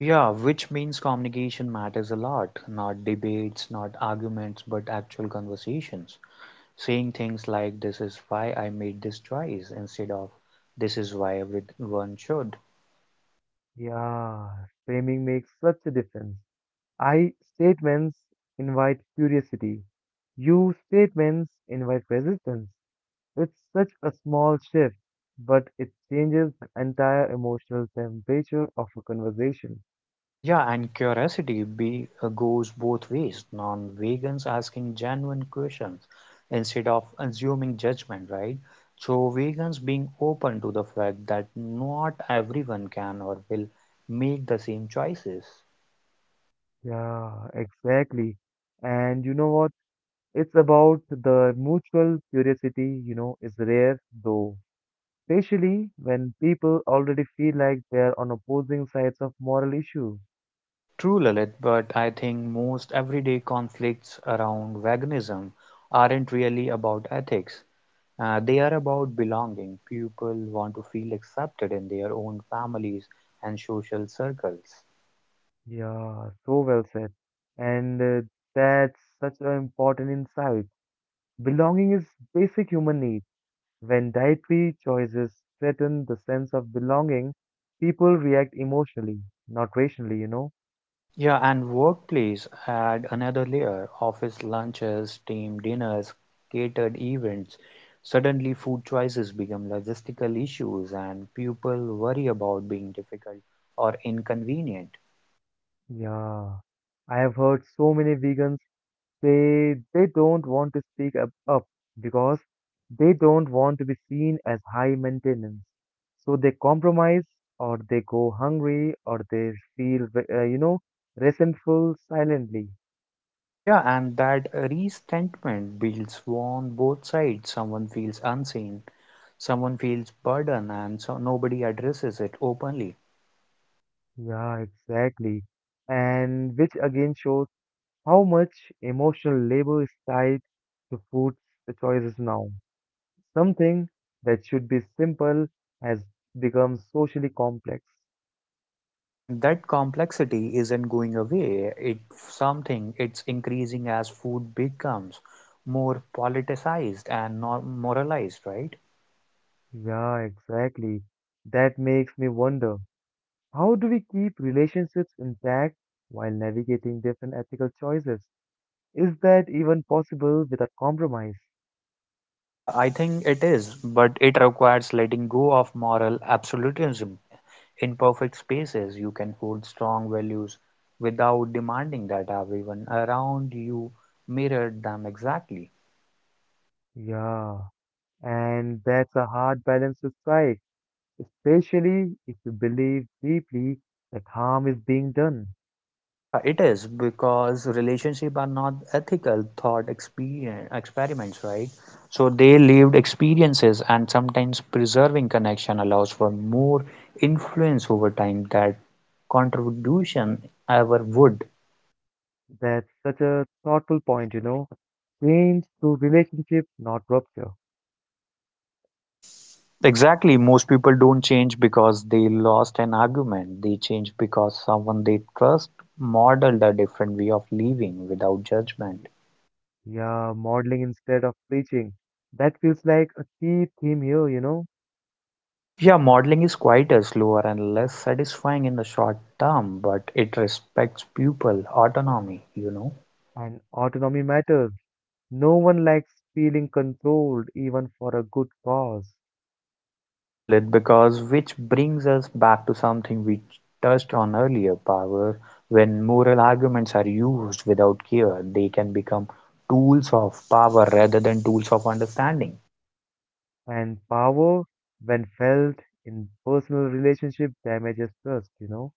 B: Yeah, which means communication matters a lot, not debates, not arguments, but actual conversations. Saying things like this is why I made this choice instead of this is why everyone should.
A: Yeah, framing makes such a difference. I statements invite curiosity. You statements invite resistance. It's such a small shift, but it changes the entire emotional temperature of a conversation.
B: Yeah, and curiosity goes both ways. Non-vegans asking genuine questions instead of assuming judgment, right? So vegans being open to the fact that not everyone can or will make the same choices.
A: Yeah, exactly. And you know what? It's about the mutual curiosity, is rare though, especially when people already feel like they're on opposing sides of moral issue.
B: True, Lalit, but I think most everyday conflicts around veganism aren't really about ethics. They are about belonging. People want to feel accepted in their own families and social circles.
A: Yeah, so well said. And That's such an important insight. Belonging is basic human need. When dietary choices threaten the sense of belonging, people react emotionally, not rationally, you know?
B: Yeah, and workplace add another layer. Office lunches, team dinners, catered events. Suddenly, food choices become logistical issues, and people worry about being difficult or inconvenient.
A: Yeah. I have heard so many vegans. They don't want to speak up because they don't want to be seen as high maintenance. So they compromise, or they go hungry, or they feel resentful silently.
B: Yeah, and that resentment builds on both sides. Someone feels unseen, someone feels burden and so nobody addresses it openly.
A: Yeah, exactly. And which again shows how much emotional labor is tied to food choices now. Something that should be simple has become socially complex.
B: Yeah, and that complexity isn't going away. It's something it's increasing as food becomes more politicized and moralized, right?
A: Yeah, exactly. That makes me wonder, how do we keep relationships intact while navigating different ethical choices? Is that even possible without compromise?
B: Yeah, I think it is, but it requires letting go of moral absolutism. In perfect spaces, you can hold strong values without demanding that everyone around you mirror them exactly.
A: Yeah, and that's a hard balance to strike, especially if you believe deeply that harm is being done.
B: Yeah, it is because relationship are not ethical thought experiments, right? So they lived experiences and sometimes preserving connection allows for more influence over time that contribution ever would.
A: That's such a thoughtful point, you know. Change through relationship, not rupture.
B: Exactly, most people don't change because they lost an argument. They change because someone they trust modeled a different way of living without judgment.
A: Yeah, modeling instead of preaching. That feels like a key theme here, you know.
B: Yeah, modeling is quieter, slower, and less satisfying in the short term, but it respects pupil autonomy, you know.
A: And autonomy matters. No one likes feeling controlled, even for a good cause.
B: Yeah, Lilith, because which brings us back to something we touched on earlier, power. When moral arguments are used without care, they can become tools of power rather than tools of understanding.
A: And power, when felt in personal relationship, damages trust, you know.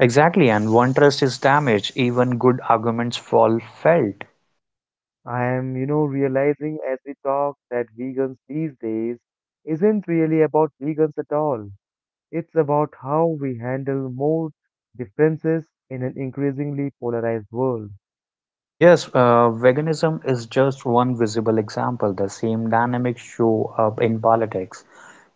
B: Exactly, and one trust is damaged, even good arguments fall felt.
A: I am realizing as we talk that vegans these days isn't really about vegans at all. It's about how we handle more differences in an increasingly polarized world.
B: Yes, veganism is just one visible example. The same dynamics show up in politics,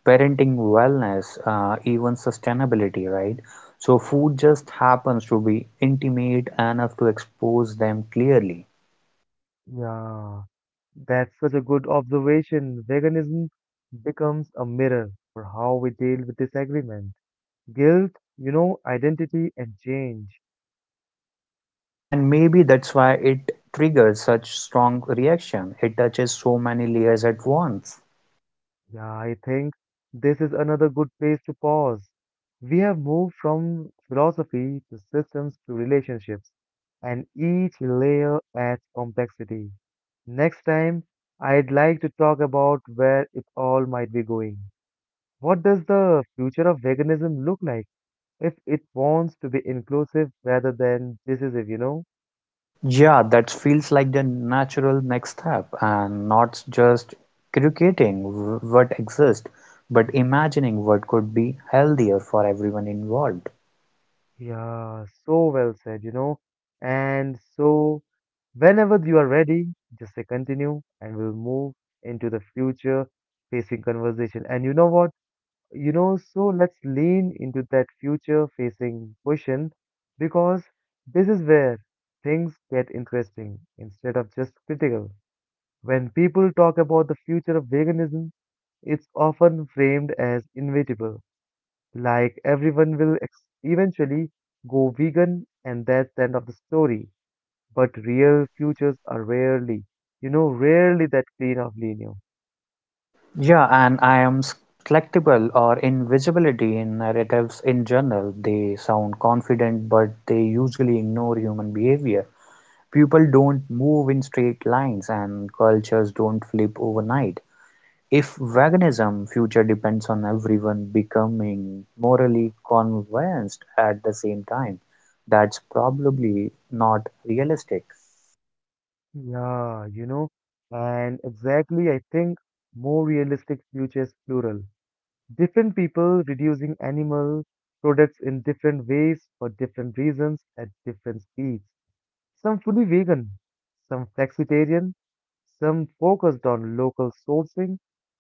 B: parenting, wellness, even sustainability, right? So, food just happens to be intimate enough to expose them clearly.
A: Yeah. That's such a good observation. Veganism becomes a mirror for how we deal with disagreement, guilt, identity, and change.
B: Yeah, and maybe that's why it triggers such strong reaction. It touches so many layers at once.
A: Yeah, I think this is another good place to pause. We have moved from philosophy to systems to relationships, and each layer adds complexity. Next time, I'd like to talk about where it all might be going. What does the future of veganism look like if it wants to be inclusive rather than decisive, you know?
B: Yeah, that feels like the natural next step, and not just creating what exists, but imagining what could be healthier for everyone involved.
A: Yeah, so well said, you know? And so, whenever you are ready, just say continue and we'll move into the future facing conversation. And you know what? You know, so let's lean into that future facing question because this is where things get interesting instead of just critical. When people talk about the future of veganism, it's often framed as inevitable. Like everyone will eventually go vegan and that's the end of the story. But real futures are rarely that clean of linear.
B: Yeah, and I am skeptical or invisibility in narratives in general. They sound confident, but they usually ignore human behavior. People don't move in straight lines, and cultures don't flip overnight. If veganism future depends on everyone becoming morally convinced at the same time, that's probably not realistic.
A: Yeah, you know, and exactly I think more realistic futures plural. Different people reducing animal products in different ways for different reasons at different speeds. Some fully vegan, some flexitarian, some focused on local sourcing,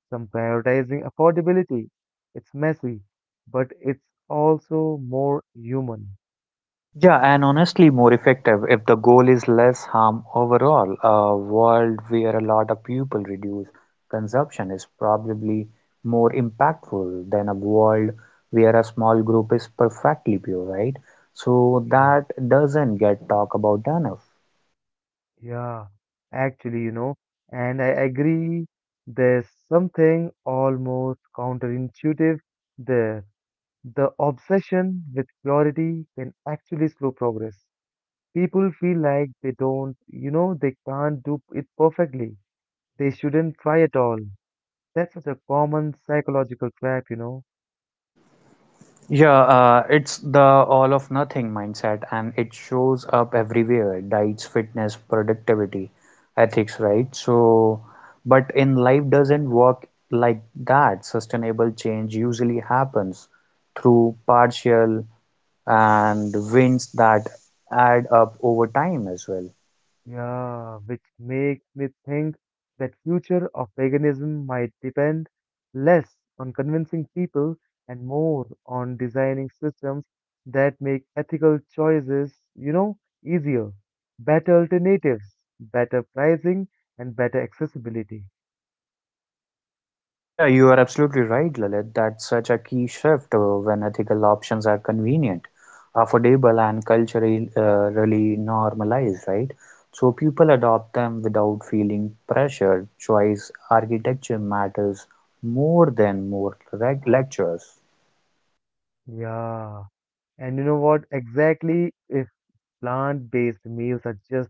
A: some prioritizing affordability. It's messy, but it's also more human.
B: Yeah, and honestly, more effective if the goal is less harm overall. A world where a lot of people reduce consumption is probably more impactful than a world where a small group is perfectly pure, right? So
A: Yeah,
B: that doesn't get talked about enough.
A: yeah, actually, you know, and I agree there's something almost counterintuitive there. The obsession with purity can actually slow progress. People feel like they don't, you know, they can't do it perfectly. They shouldn't try at all. That's such a common psychological trap, you know.
B: Yeah, it's the all of nothing mindset, and it shows up everywhere, diets, fitness, productivity, ethics, right? So, but in life doesn't work like that. Sustainable change usually happens through partial and wins that add up over time as well.
A: Yeah, which makes me think that future of veganism might depend less on convincing people and more on designing systems that make ethical choices, easier, better alternatives, better pricing, and better accessibility.
B: Yeah, you are absolutely right, Lalit, that such a key shift when ethical options are convenient, affordable, and culturally really normalized, right? So people adopt them without feeling pressured. Choice architecture matters more than more lectures.
A: Yeah. And you know what? Exactly, if plant-based meals are just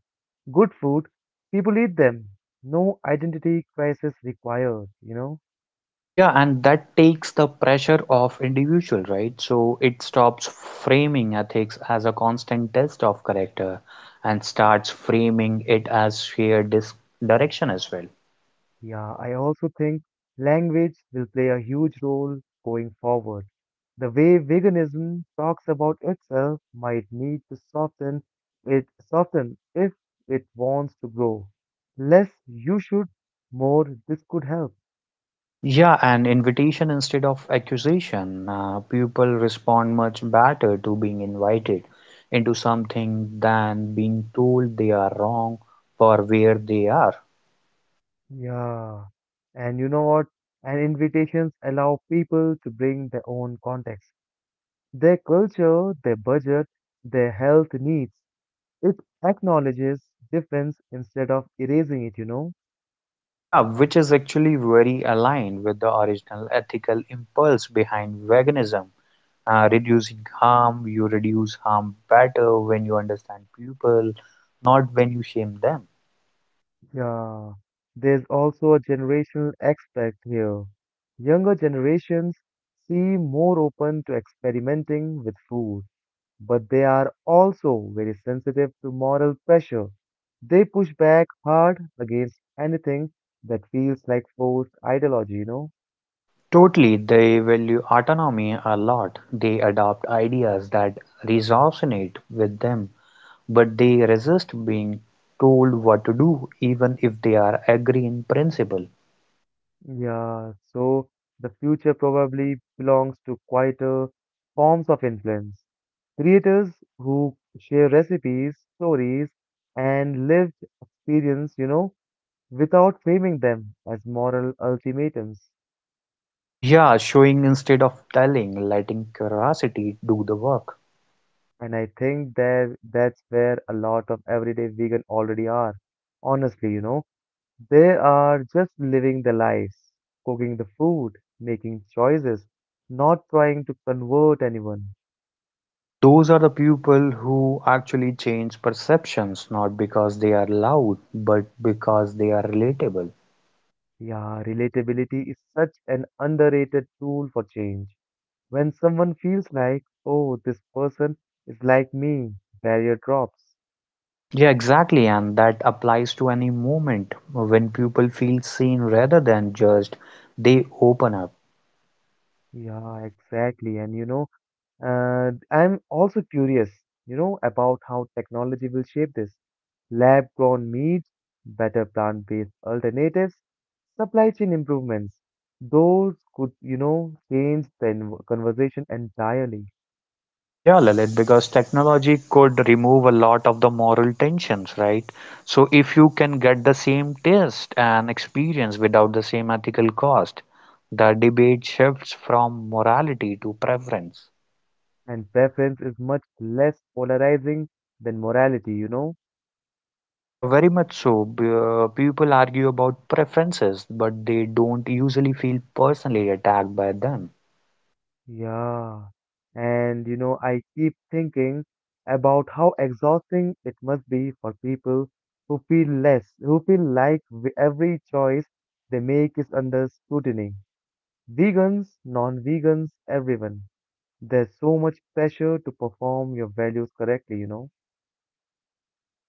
A: good food. People eat them. No identity crisis required, you know?
B: Yeah, and that takes the pressure off individual, right? So it stops framing ethics as a constant test of character and starts framing it as shared direction as well.
A: Yeah, I also think language will play a huge role going forward. The way veganism talks about itself might need to soften if it wants to grow. Less you should, more this could help.
B: Yeah, an invitation instead of accusation. People respond much better to being invited into something than being told they are wrong for where they are.
A: Yeah. And you know what? And invitations allow people to bring their own context. Their culture, their budget, their health needs. It acknowledges difference instead of erasing it, you know?
B: Yeah, which is actually very aligned with the original ethical impulse behind veganism. Reducing harm, you reduce harm better when you understand people, not when you shame them.
A: Yeah. There's also a generational aspect here. Younger generations seem more open to experimenting with food, but they are also very sensitive to moral pressure. They push back hard against anything that feels like forced ideology, you know?
B: Totally, they value autonomy a lot. They adopt ideas that resonate with them, but they resist being told what to do, even if they are agree in principle.
A: Yeah, so the future probably belongs to quieter forms of influence. Creators who share recipes, stories, and lived experience, you know, without framing them as moral ultimatums.
B: Yeah, showing instead of telling, letting curiosity do the work.
A: And I think that's where a lot of everyday vegan already are. Honestly, you know, they are just living their lives, cooking the food, making choices, not trying to convert anyone.
B: Yeah, those are the people who actually change perceptions, not because they are loud, but because they are relatable.
A: Yeah, relatability is such an underrated tool for change. When someone feels like, oh, this person is like me, barrier drops.
B: Yeah, exactly. And that applies to any moment when people feel seen rather than judged, they open up.
A: Yeah, exactly. And you know, I'm also curious, you know, about how technology will shape this. Lab grown meat, better plant based alternatives, supply chain improvements. Those could, you know, change the conversation entirely.
B: Yeah, Lalit, because technology could remove a lot of the moral tensions, right? So if you can get the same taste and experience without the same ethical cost, the debate shifts from morality to preference.
A: And preference is much less polarizing than morality, you know?
B: Yeah, very much so. People argue about preferences, but they don't usually feel personally attacked by them.
A: Yeah. And you know, I keep thinking about how exhausting it must be for people who feel less, who feel like every choice they make is under scrutiny. Vegans, non-vegans, everyone. There's so much pressure to perform your values correctly, you know?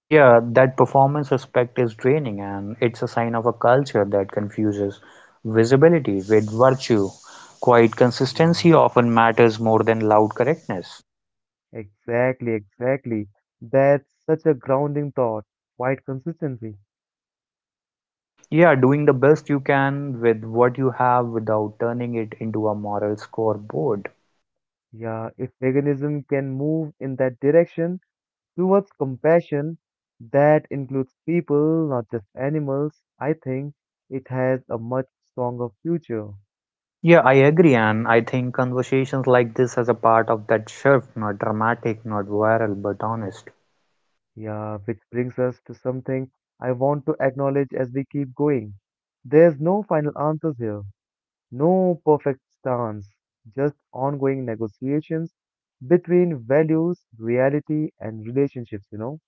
B: Yeah, that performance aspect is draining and it's a sign of a culture that confuses visibility with virtue. Quiet
A: Yeah,
B: consistency often matters more than loud correctness.
A: exactly. That's such a grounding thought. Quite consistency.
B: Yeah, doing the best you can with what you have without turning it into a moral scoreboard.
A: Yeah, if veganism can move in that direction towards compassion that includes people, not just animals, I think it has a much stronger future.
B: Yeah, I agree, and I think conversations like this as a part of that shift, not dramatic, not viral, but honest.
A: Yeah, which brings us to something I want to acknowledge as we keep going. There's no final answers here, no perfect stance, just ongoing negotiations between values, reality, and relationships, you know.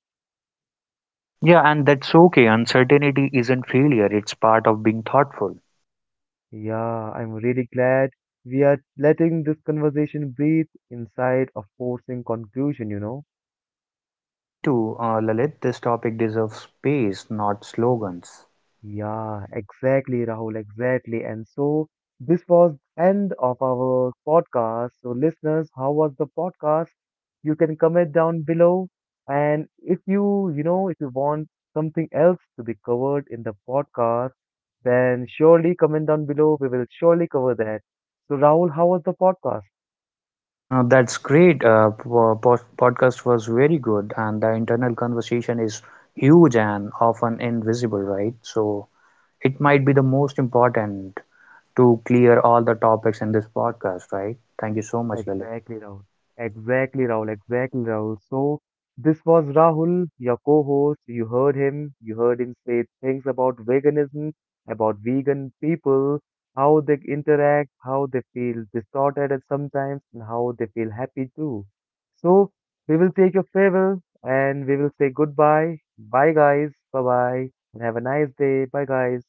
B: Yeah, and that's okay. Uncertainty isn't failure, it's part of being thoughtful.
A: Yeah, I'm really glad we are letting this conversation breathe inside a forcing conclusion, you know?
B: Me too, Lalit. This topic deserves space, not slogans.
A: Yeah, exactly, Rahul, exactly. And so this was end of our podcast. So listeners, how was the podcast? You can comment down below. And if you want something else to be covered in the podcast, then surely comment down below. We will surely cover that. So Rahul, how was the podcast?
B: That's great. Podcast was very good, and the internal conversation is huge and often invisible, right? So it might be the most important to clear all the topics in this podcast, right? Thank you so much, Lalit.
A: Exactly, Rahul. Exactly, Rahul. So, this was Rahul, your co-host. You heard him say things about veganism, about vegan people, how they interact, how they feel distorted at sometimes, and how they feel happy too. So, we will take your farewell and we will say goodbye. Bye, guys. Bye bye. And have a nice day. Bye, guys.